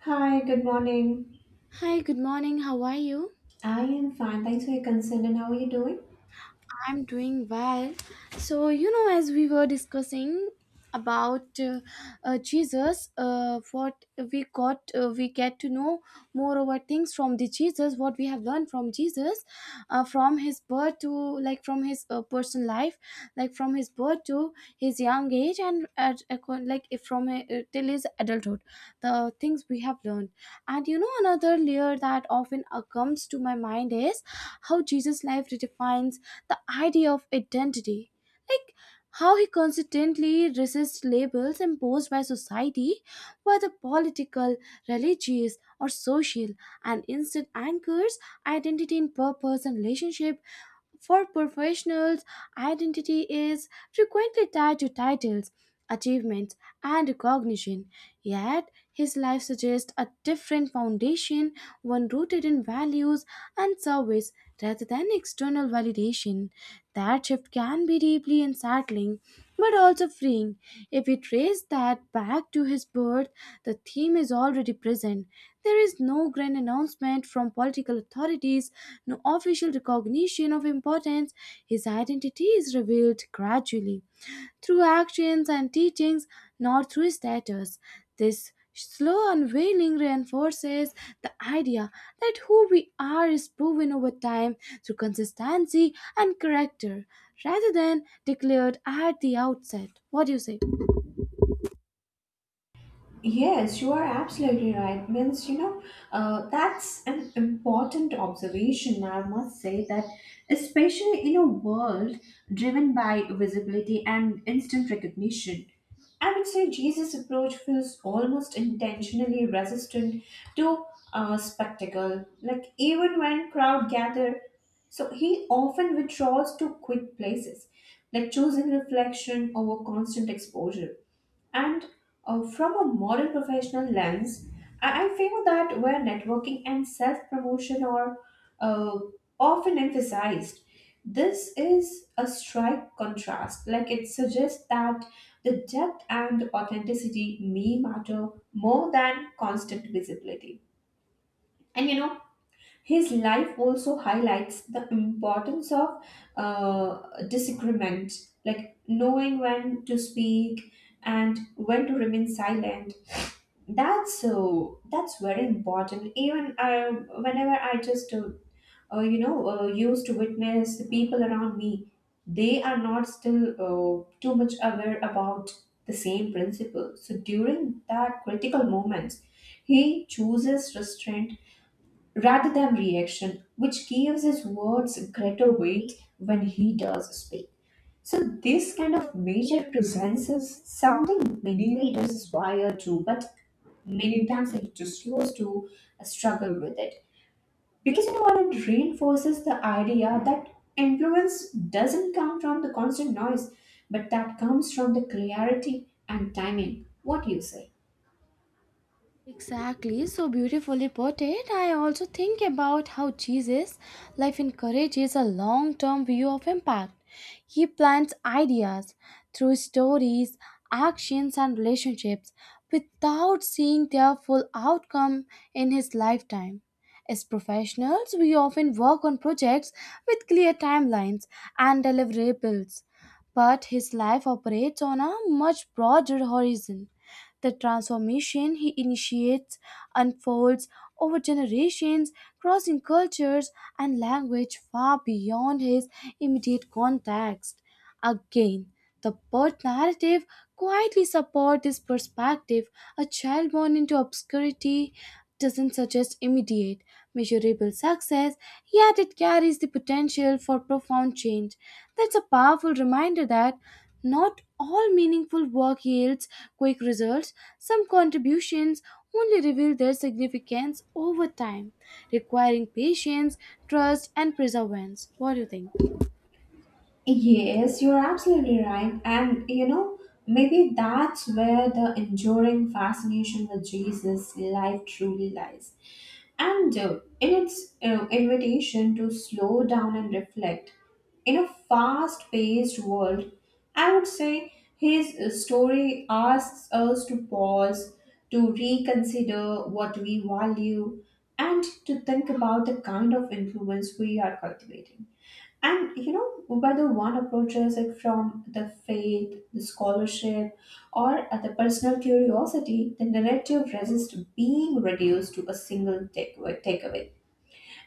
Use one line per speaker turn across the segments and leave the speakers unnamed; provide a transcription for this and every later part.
Hi, good morning.
Hi, good morning. How are you?
I am fine. Thanks for your concern. And how are you doing?
I'm doing well. As we were discussing about Jesus, what we get to know more over things from the Jesus, what we have learned from Jesus, from his birth to from his personal life, like from his birth to his young age, and at, acco- like if from till his adulthood, the things we have learned. And you know, another layer that often comes to my mind is how Jesus' life redefines the idea of identity. Like how he consistently resists labels imposed by society, whether political, religious, or social, and instead anchors identity in purpose and relationship for professionals. Identity is frequently tied to titles, achievements, and recognition. Yet, his life suggests a different foundation, one rooted in values and service rather than external validation. That shift can be deeply unsettling, but also freeing. If we trace that back to his birth, the theme is already present. There is no grand announcement from political authorities, no official recognition of importance. His identity is revealed gradually through actions and teachings, not through status. This slow unveiling reinforces the idea that who we are is proven over time through consistency and character rather than declared at the outset. What do you say?
Yes, you are absolutely right. Means, that's an important observation, I must say, that especially in a world driven by visibility and instant recognition, I would say Jesus' approach feels almost intentionally resistant to spectacle. Like, even when crowd gather, so he often withdraws to quiet places, like choosing reflection over constant exposure. And from a modern professional lens, I feel that where networking and self promotion are uh, often emphasized, this is a strike contrast. Like it suggests that the depth and authenticity may matter more than constant visibility. And you know, his life also highlights the importance of uh, disagreement, like knowing when to speak and when to remain silent. That's so. That's very important. Even I, whenever I used to witness the people around me, they are not still too much aware about the same principle. So during that critical moments, he chooses restraint rather than reaction, which gives his words greater weight when he does speak. So, this kind of major presence is something many leaders aspire to, but many times it just used to struggle with it. Because you know what, it reinforces the idea that influence doesn't come from the constant noise, but that comes from the clarity and timing. What do you say?
Exactly, so beautifully put it. I also think about how Jesus' life encourages a long term view of impact. He plants ideas through stories, actions, and relationships without seeing their full outcome in his lifetime. As professionals, we often work on projects with clear timelines and deliverables, but his life operates on a much broader horizon. The transformation he initiates unfolds over generations, crossing cultures and language far beyond his immediate context. Again, the birth narrative quietly supports this perspective. A child born into obscurity doesn't suggest immediate, measurable success, yet it carries the potential for profound change. That's a powerful reminder that not all meaningful work yields quick results. Some contributions only reveal their significance over time, requiring patience, trust, and perseverance. What do you think?
Yes, you're absolutely right. And you know, maybe that's where the enduring fascination with Jesus' life truly lies. And in its invitation to slow down and reflect, in a fast paced world, I would say his story asks us to pause, to reconsider what we value, and to think about the kind of influence we are cultivating. And you know, whether one approaches it from the faith, the scholarship, or at the personal curiosity, the narrative resists being reduced to a single takeaway.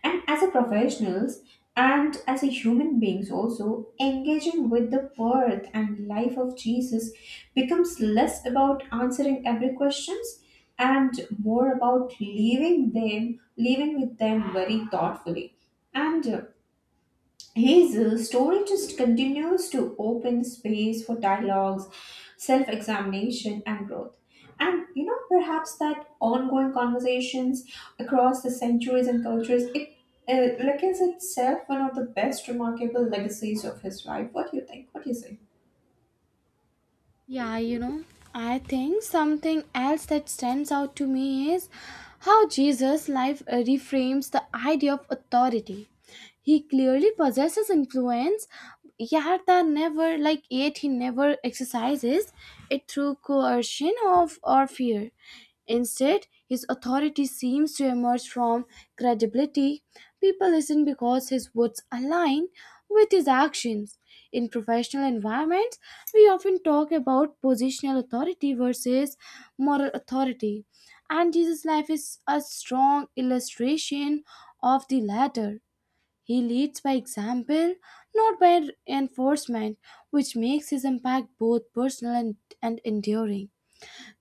And as a professionals and as a human beings also, engaging with the birth and life of Jesus becomes less about answering every questions and more about leaving them, leaving with them very thoughtfully. And his story just continues to open space for dialogues, self examination, and growth. And you know, perhaps that ongoing conversations across the centuries and cultures, it like is itself one of the best remarkable legacies of his life. What do you think? What do you say?
Yeah, you know, I think something else that stands out to me is how Jesus' life reframes the idea of authority. He clearly possesses influence, yet he never exercises it through coercion of or fear. Instead, his authority seems to emerge from credibility. People listen because his words align with his actions. In professional environments, we often talk about positional authority versus moral authority, and Jesus' life is a strong illustration of the latter. He leads by example, not by enforcement, which makes his impact both personal and enduring.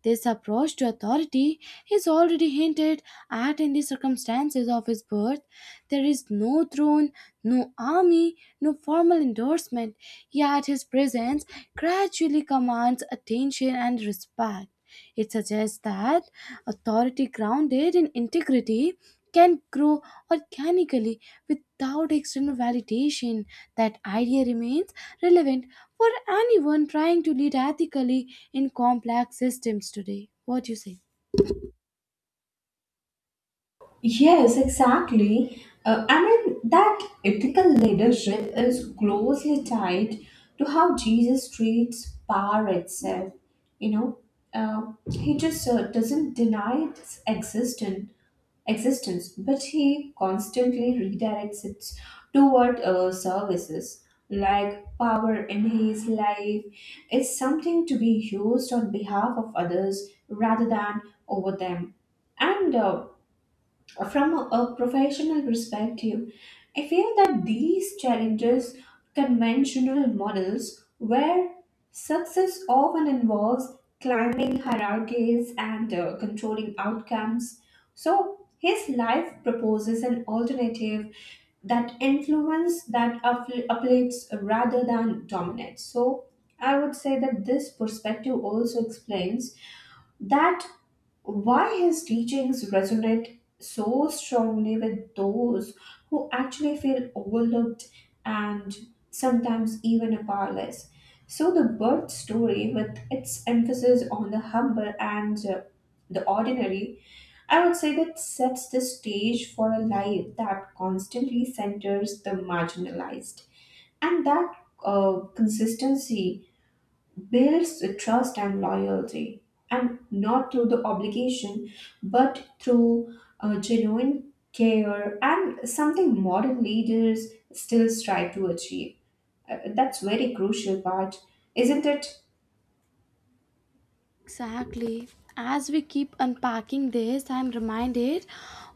This approach to authority is already hinted at in the circumstances of his birth. There is no throne, no army, no formal endorsement, yet his presence gradually commands attention and respect. It suggests that authority grounded in integrity can grow organically without external validation. That idea remains relevant for anyone trying to lead ethically in complex systems today. What do you say?
Yes, exactly. I mean, that ethical leadership is closely tied to how Jesus treats power itself. You know, he just doesn't deny its existence, but he constantly redirects it toward services like power in his life is something to be used on behalf of others rather than over them. And from a professional perspective, I feel that these challenges conventional models where success often involves climbing hierarchies and controlling outcomes. So his life proposes an alternative that influence that uplifts rather than dominates. So I would say that this perspective also explains that why his teachings resonate so strongly with those who actually feel overlooked and sometimes even powerless. So, the birth story, with its emphasis on the humble and the ordinary, I would say that sets the stage for a life that constantly centers the marginalized. And that consistency builds the trust and loyalty, and not through the obligation, but through genuine care and something modern leaders still strive to achieve. That's very crucial part, isn't it?
Exactly. As we keep unpacking this, I'm reminded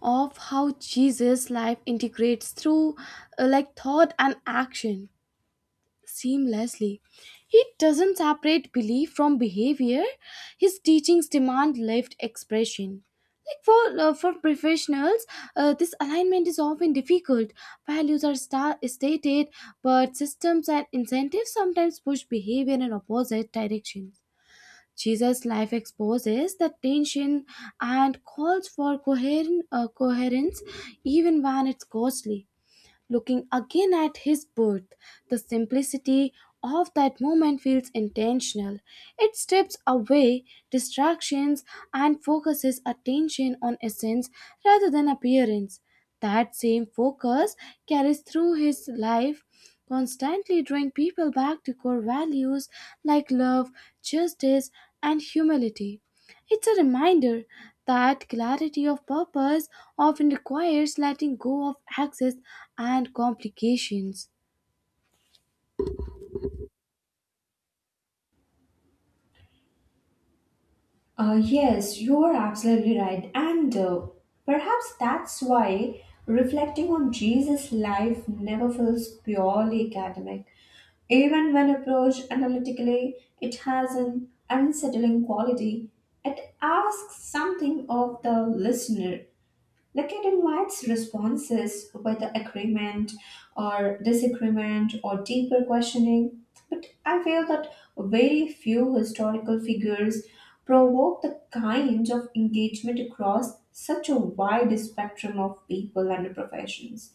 of how Jesus' life integrates through thought and action seamlessly. He doesn't separate belief from behavior. His teachings demand lived expression. For professionals, this alignment is often difficult. Values are stated, but systems and incentives sometimes push behavior in opposite directions. Jesus' life exposes that tension and calls for coherent coherence, even when it's costly. Looking again at his birth, the simplicity of that moment feels intentional. It strips away distractions and focuses attention on essence rather than appearance. That same focus carries through his life, constantly drawing people back to core values like love, justice, and humility. It's a reminder that clarity of purpose often requires letting go of excess and complications.
Yes, you are absolutely right. And perhaps that's why reflecting on Jesus' life never feels purely academic. Even when approached analytically, it has an unsettling quality. It asks something of the listener like it invites responses, whether agreement or disagreement or deeper questioning. But I feel that very few historical figures provoke the kind of engagement across such a wide spectrum of people and professions.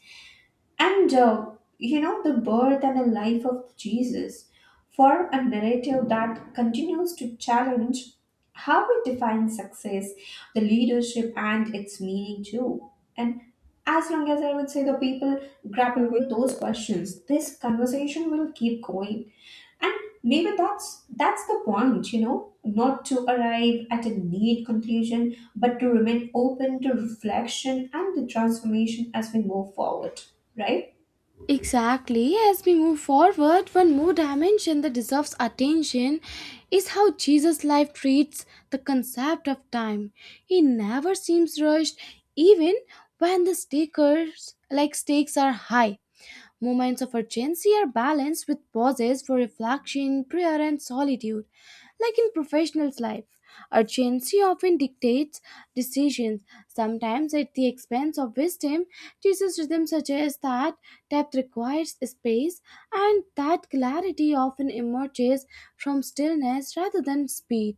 And you know, the birth and the life of Jesus form a narrative that continues to challenge how we define success, the leadership, and its meaning too. And as long as I would say the people grapple with those questions, this conversation will keep going. And maybe that's the point, you know, not to arrive at a neat conclusion, but to remain open to reflection and the transformation as we move forward, right?
Exactly, as we move forward, one more dimension that deserves attention is how Jesus' life treats the concept of time. He never seems rushed, even when the stakers like stakes are high. Moments of urgency are balanced with pauses for reflection, prayer, and solitude. Like in professionals' life, urgency often dictates decisions, sometimes at the expense of wisdom. Jesus' rhythm suggests that depth requires space, and that clarity often emerges from stillness rather than speed.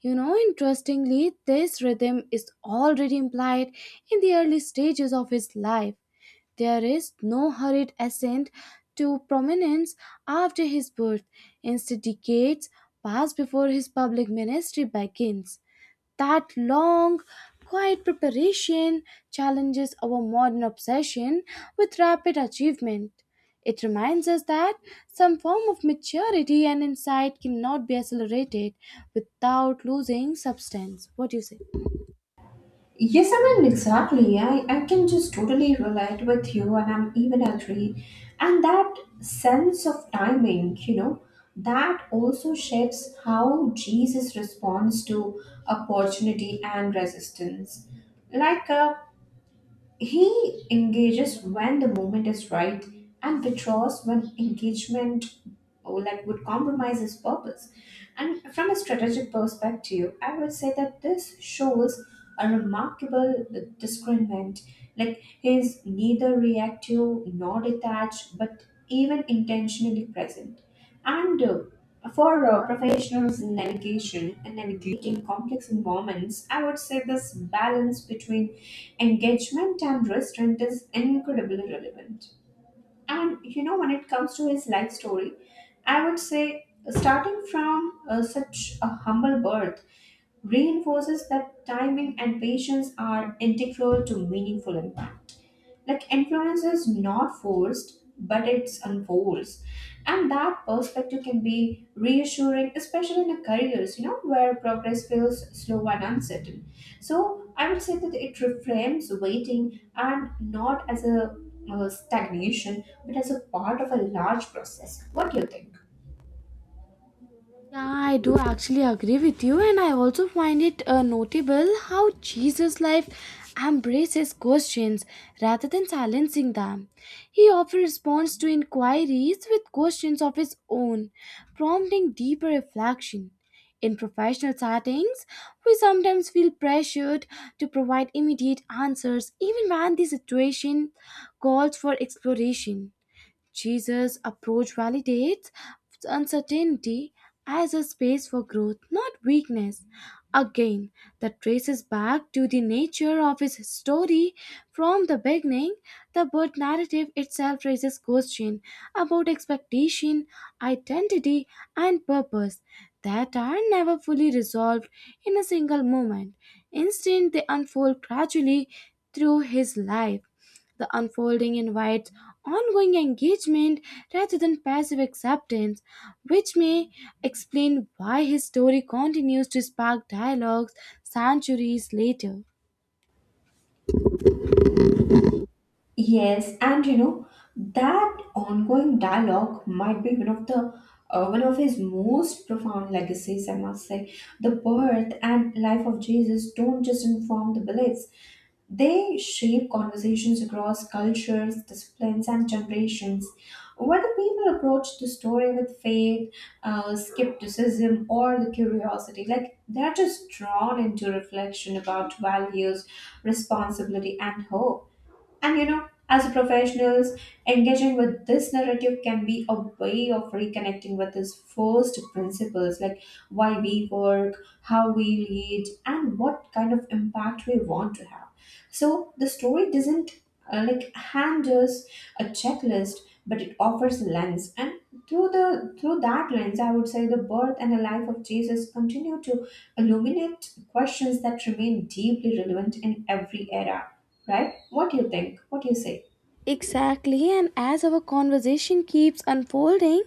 You know, interestingly, this rhythm is already implied in the early stages of his life. There is no hurried ascent to prominence after his birth. Instead, decades pass before his public ministry begins. That long, quiet preparation challenges our modern obsession with rapid achievement. It reminds us that some form of maturity and insight cannot be accelerated without losing substance. What do you say?
Yes, I mean, exactly. I can just totally relate with you, and I'm even agree. And that sense of timing, you know, that also shapes how Jesus responds to opportunity and resistance. Like, he engages when the moment is right and withdraws when engagement oh, like would compromise his purpose. And from a strategic perspective, I would say that this shows a remarkable discernment. Like he is neither reactive nor detached, but even intentionally present. And for professionals in navigation and navigating complex environments, I would say this balance between engagement and restraint is incredibly relevant. And you know, when it comes to his life story, I would say starting from such a humble birth reinforces that timing and patience are integral to meaningful impact like influence is not forced but it unfolds, and that perspective can be reassuring, especially in the careers, you know, where progress feels slow and uncertain. So I would say that it reframes waiting and not as a stagnation but as a part of a large process. What do you think?
Yeah, I do actually agree with you, and I also find it notable how Jesus' life embraces questions rather than silencing them. He often responds to inquiries with questions of his own, prompting deeper reflection. In professional settings, we sometimes feel pressured to provide immediate answers even when the situation calls for exploration. Jesus' approach validates uncertainty as a space for growth, not weakness. Again, that traces back to the nature of his story from the beginning. The birth narrative itself raises questions about expectation, identity, and purpose that are never fully resolved in a single moment. Instead, they unfold gradually through his life. The unfolding invites ongoing engagement rather than passive acceptance, which may explain why his story continues to spark dialogues centuries later.
Yes, and you know that ongoing dialogue might be one of the one of his most profound legacies. I must say, the birth and life of Jesus don't just inform the beliefs; they shape conversations across cultures, disciplines, and generations. Whether people approach the story with faith, skepticism, or the curiosity, like they're just drawn into reflection about values, responsibility, and hope. And you know, as professionals, engaging with this narrative can be a way of reconnecting with its first principles like why we work, how we lead, and what kind of impact we want to have. So the story doesn't like hand us a checklist, but it offers a lens, and through the through that lens, I would say the birth and the life of Jesus continue to illuminate questions that remain deeply relevant in every era. Right? What do you think? What do you say?
Exactly, and as our conversation keeps unfolding,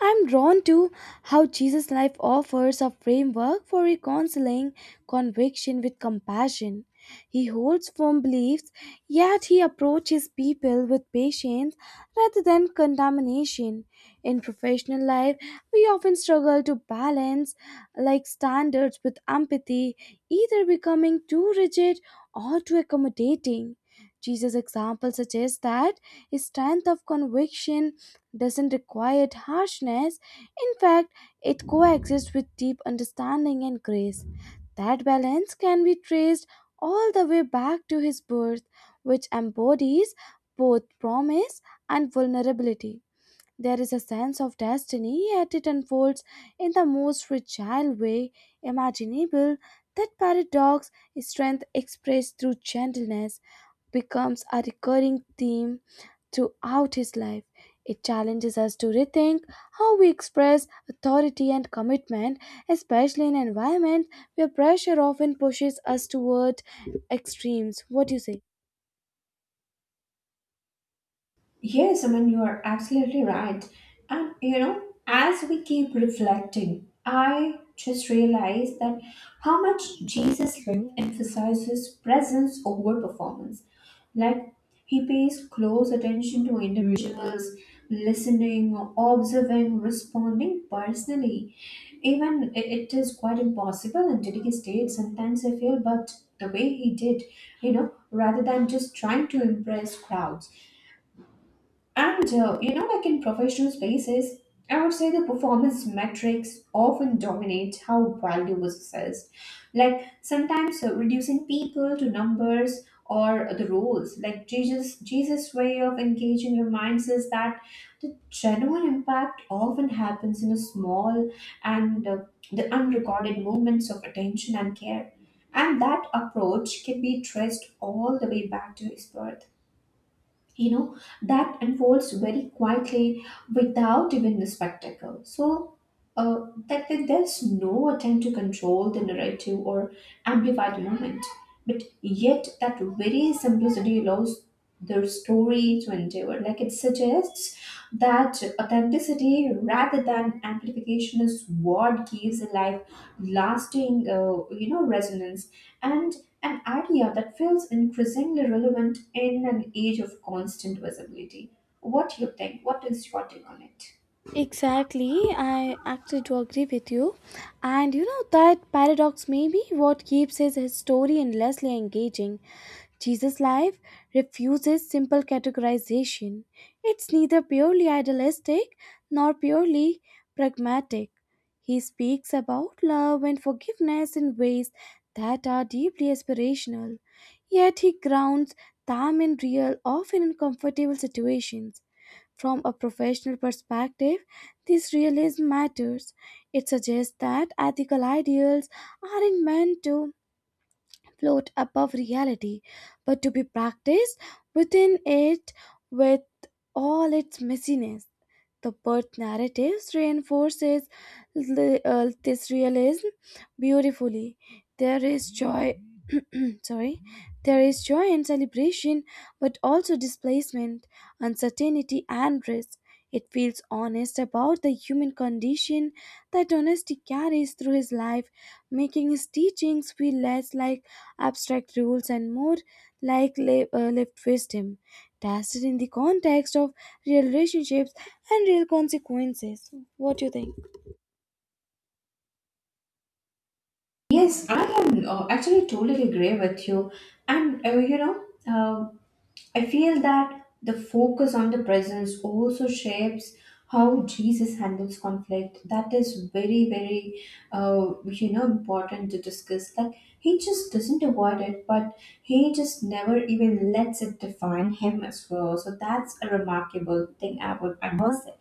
I'm drawn to how Jesus' life offers a framework for reconciling conviction with compassion. He holds firm beliefs, yet he approaches people with patience rather than condemnation. In professional life, we often struggle to balance like standards with empathy, either becoming too rigid or too accommodating. Jesus' example suggests that strength of conviction doesn't require harshness. In fact, it coexists with deep understanding and grace. That balance can be traced all the way back to his birth, which embodies both promise and vulnerability. There is a sense of destiny, yet it unfolds in the most fragile way imaginable. That paradox, strength expressed through gentleness, becomes a recurring theme throughout his life. It challenges us to rethink how we express authority and commitment, especially in environments where pressure often pushes us toward extremes. What do you say?
Yes, I mean, you are absolutely right. And you know, as we keep reflecting, I just realized that how much Jesus lived emphasizes presence over performance. Like, he pays close attention to individuals, listening, observing, responding personally. Even it is quite impossible in today's state, sometimes I feel, but the way he did, you know, rather than just trying to impress crowds. And you know, like in professional spaces, I would say the performance metrics often dominate how value was assessed. Like sometimes reducing people to numbers or the roles. Like Jesus' way of engaging reminds us that the genuine impact often happens in a small and the unrecorded moments of attention and care. And that approach can be traced all the way back to his birth, you know, that unfolds very quietly without even the spectacle. So that, that there's no attempt to control the narrative or amplify the moment. But yet, that very simplicity allows their story to endure. Like it suggests that authenticity rather than amplification is what gives a life lasting, resonance, and an idea that feels increasingly relevant in an age of constant visibility. What do you think? What is your take on it?
Exactly, I actually do agree with you. And you know, that paradox may be what keeps his story endlessly engaging. Jesus' life refuses simple categorization. It's neither purely idealistic nor purely pragmatic. He speaks about love and forgiveness in ways that are deeply aspirational, yet he grounds them in real, often uncomfortable situations from a professional perspective. This realism matters. It suggests that ethical ideals aren't meant to float above reality, but to be practiced within it with all its messiness. The birth narrative reinforces this realism beautifully. There is joy, sorry, there is joy and celebration, but also displacement, uncertainty, and risk. It feels honest about the human condition. That honesty carries through his life, making his teachings feel less like abstract rules and more like lived wisdom, tested in the context of real relationships and real consequences. What do you think?
Yes, I am actually totally agree with you. And you know, um I feel that the focus on the presence also shapes how Jesus handles conflict. That is very, very, you know, important to discuss. Like he just doesn't avoid it, but he just never even lets it define him as well. So that's a remarkable thing I must say.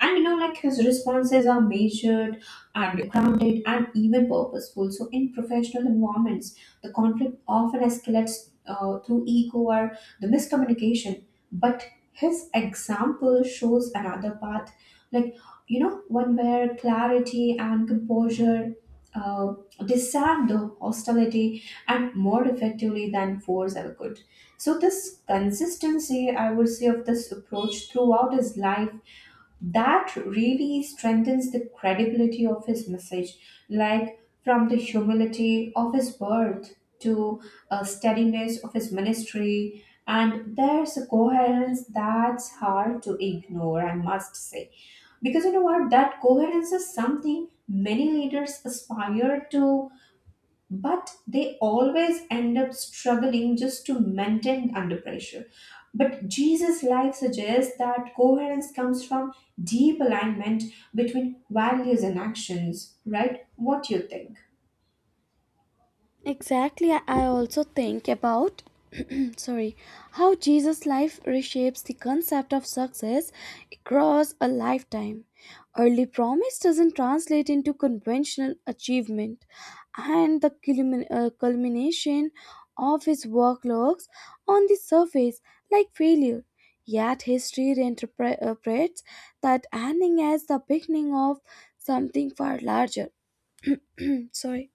And you know, like his responses are measured and grounded and even purposeful. So, in professional environments, the conflict often escalates through ego or the miscommunication. But his example shows another path, like, you know, one where clarity and composure uh, disarm the hostility and more effectively than force ever could. So, this consistency, I would say, of this approach throughout his life that really strengthens the credibility of his message like from the humility of his birth to a steadiness of his ministry, and there's a coherence that's hard to ignore, I must say. Because you know what, that coherence is something many leaders aspire to, but they always end up struggling just to maintain under pressure. But Jesus' life suggests that coherence comes from deep alignment between values and actions, right? What do you think?
Exactly. I also think about sorry how Jesus' life reshapes the concept of success across a lifetime. Early promise doesn't translate into conventional achievement, and the culmination of his work looks on the surface like failure. Yet history reinterprets that ending as the beginning of something far larger. Sorry.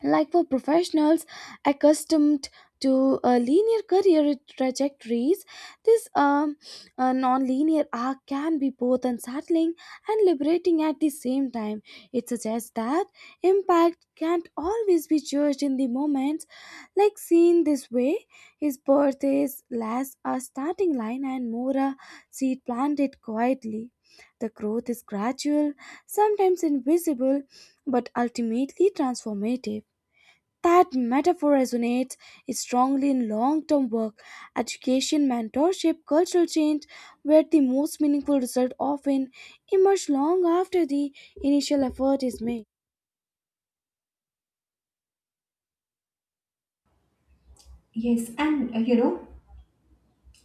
Like for professionals accustomed to linear career trajectories, this non-linear arc can be both unsettling and liberating at the same time. It suggests that impact can't always be judged in the moment. Like seen this way, his birth is less a starting line and more a seed planted quietly. The growth is gradual, sometimes invisible, but ultimately transformative. That metaphor resonates strongly in long term work, education, mentorship, cultural change, where the most meaningful results often emerge long after the initial effort is made.
Yes, and you know,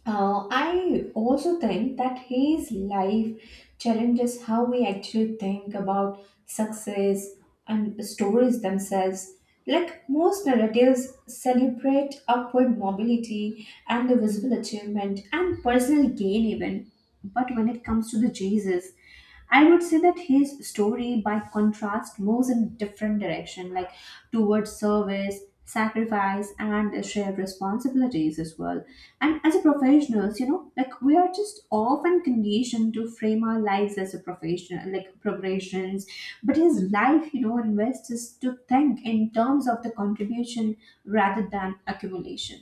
I also think that his life challenges how we actually think about success and stories themselves. Like most narratives celebrate upward mobility and the visible achievement and personal gain, even. But when it comes to the Jesus, I would say that his story, by contrast, moves in a different direction, like towards service, sacrifice, and the shared responsibilities as well. And as a professionals, like we are just often conditioned to frame our lives as a professional, like progressions. But his life, invests us to think in terms of the contribution rather than accumulation.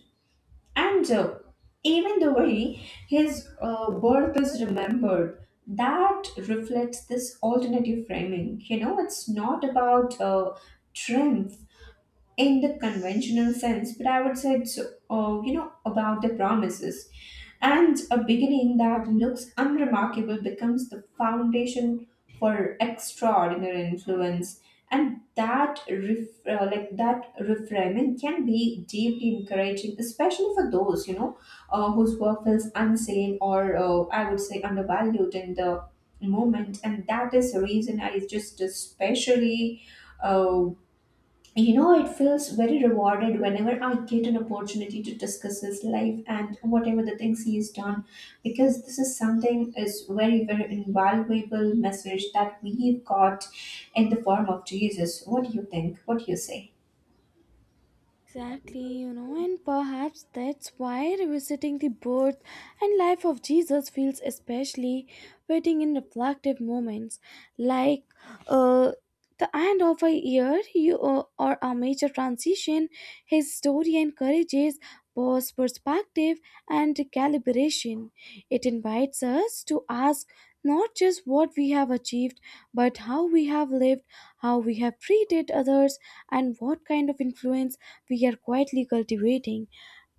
And even the way his birth is remembered, that reflects this alternative framing. You know, it's not about triumph in the conventional sense, but I would say it's, about the promises. And a beginning that looks unremarkable becomes the foundation for extraordinary influence. And like that reframing can be deeply encouraging, especially for those whose work feels unseen or I would say undervalued in the moment. And that is the reason I just especially. Uh, you know it feels very rewarded whenever I get an opportunity to discuss his life and whatever the things he has done because this is something is very very invaluable message that we've got in the form of Jesus. What do you think? What do you say?
Exactly, you know, and perhaps that's why revisiting the birth and life of Jesus feels especially fitting in reflective moments like uh, the end of a year, or a major transition. His story encourages pause, perspective, and calibration. It invites us to ask not just what we have achieved, but how we have lived, how we have treated others, and what kind of influence we are quietly cultivating.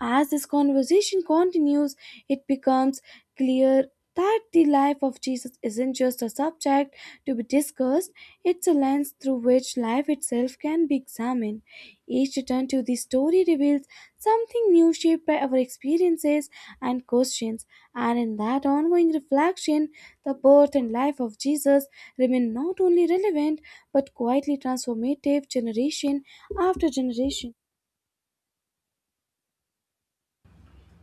As this conversation continues, it becomes clear that the life of Jesus isn't just a subject to be discussed, it's a lens through which life itself can be examined. Each return to the story reveals something new shaped by our experiences and questions, and in that ongoing reflection, the birth and life of Jesus remain not only relevant but quietly transformative generation after generation.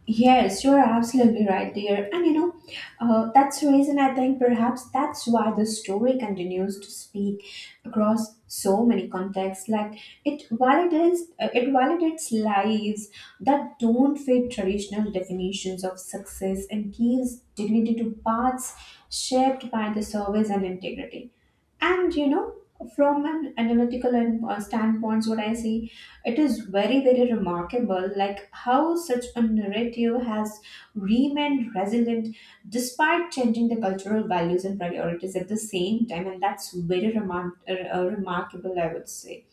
Yes, you're absolutely right, dear. And you know, that's the reason I think perhaps that's why the story continues to speak across so many contexts. Like it validates lives that don't fit traditional definitions of success and gives dignity to paths shaped by the service and integrity. And you know, from an analytical and standpoint, what I see, it is very, very remarkable, like how such a narrative has remained resilient despite changing the cultural values and priorities at the same time, and that's remarkable, I would say.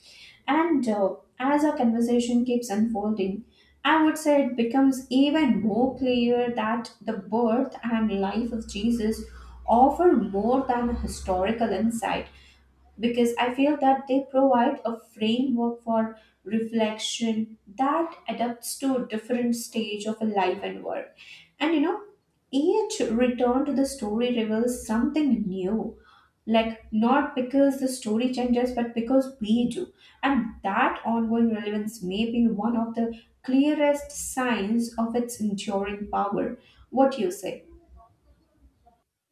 And as our conversation keeps unfolding, I would say it becomes even more clear that the birth and life of Jesus offer more than a historical insight because I feel that they provide a framework for reflection that adapts to a different stage of a life and work. And you know, each return to the story reveals something new. Like, not because the story changes, but because we do. And that ongoing relevance may be one of the clearest signs of its enduring power. What do you say?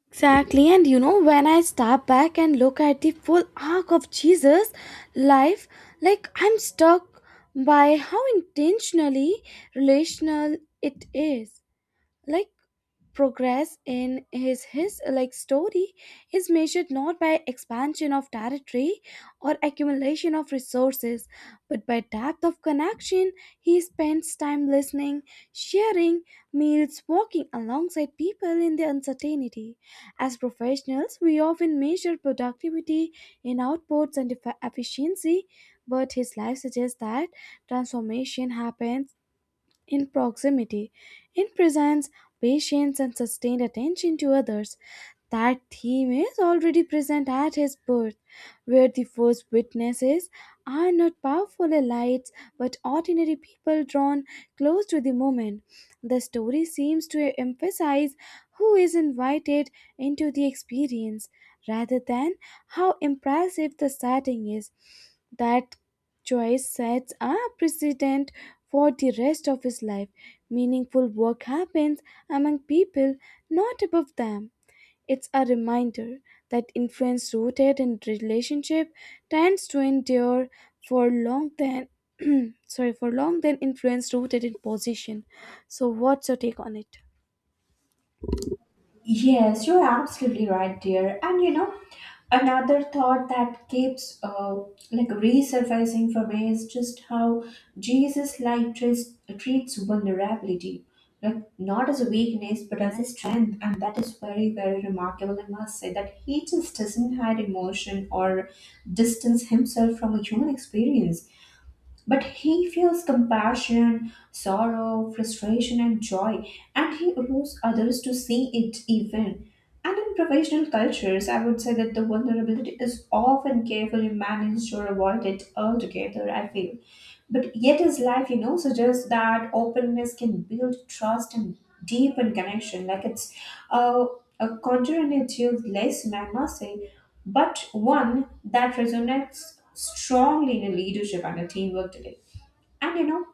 Exactly, and you know, when I step back and look at the full arc of Jesus' life, like I'm struck by how intentionally relational it is. Like progress in his like story is measured not by expansion of territory or accumulation of resources, but by depth of connection. He spends time listening, sharing meals, walking alongside people in their uncertainty. As professionals, we often measure productivity in outputs and efficiency, but his life suggests that transformation happens in proximity, in presence, patience, and sustained attention to others. That theme is already present at his birth where the first witnesses are not powerful elites but ordinary people drawn close to the moment. The story seems to emphasize who is invited into the experience rather than how impressive the setting is. That choice sets a precedent for the rest of his life. Meaningful work happens among people, not above them. It's a reminder that influence rooted in relationship tends to endure for long than sorry for long than influence rooted in position. So what's your take on it?
Yes, you're absolutely right, dear. And you know, another thought that keeps like resurfacing for me is just how Jesus like treats vulnerability, like not as a weakness but as a strength, and that is very very remarkable. I must say that he just doesn't hide emotion or distance himself from a human experience but he feels compassion, sorrow, frustration, and joy, and he allows others to see it even. And in professional cultures, I would say that the vulnerability is often carefully managed or avoided altogether, I feel. But yet, his life, you know, suggests that openness can build trust and deepen connection. Like it's a, a counterintuitive lesson, I must say, but one that resonates strongly in a leadership and a teamwork today. And you know,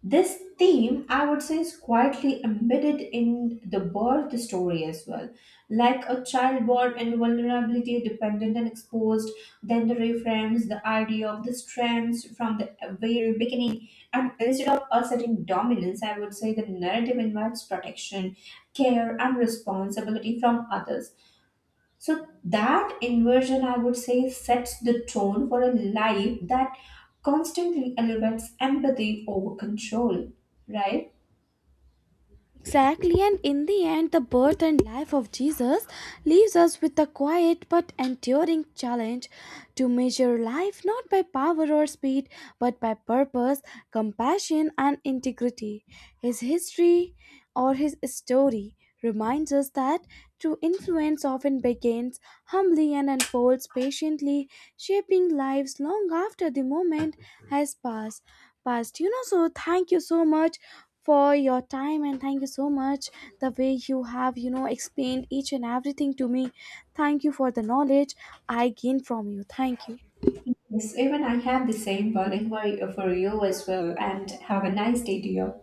this theme, I would say, is quietly embedded in the birth story as well. Like a child born in vulnerability, dependent and exposed, then the reframes the idea of the strengths from the very beginning. And instead of asserting dominance, I would say the narrative invites protection, care, and responsibility from others. So that inversion, I would say, sets the tone for a life that constantly elevates empathy over control, right?
Exactly, and in the end, the birth and life of Jesus leaves us with a quiet but enduring challenge to measure life not by power or speed, but by purpose, compassion, and integrity. His history or his story reminds us that true influence often begins humbly and unfolds patiently, shaping lives long after the moment has passed past, you know. So thank you so much for your time, and thank you so much the way you have, you know, explained each and everything to me. Thank you for the knowledge I gained from you. Thank you.
Yes, even I have the same one, and for you as well. And have a nice day to you.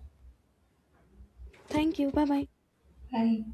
Thank you. Bye bye.
Bye.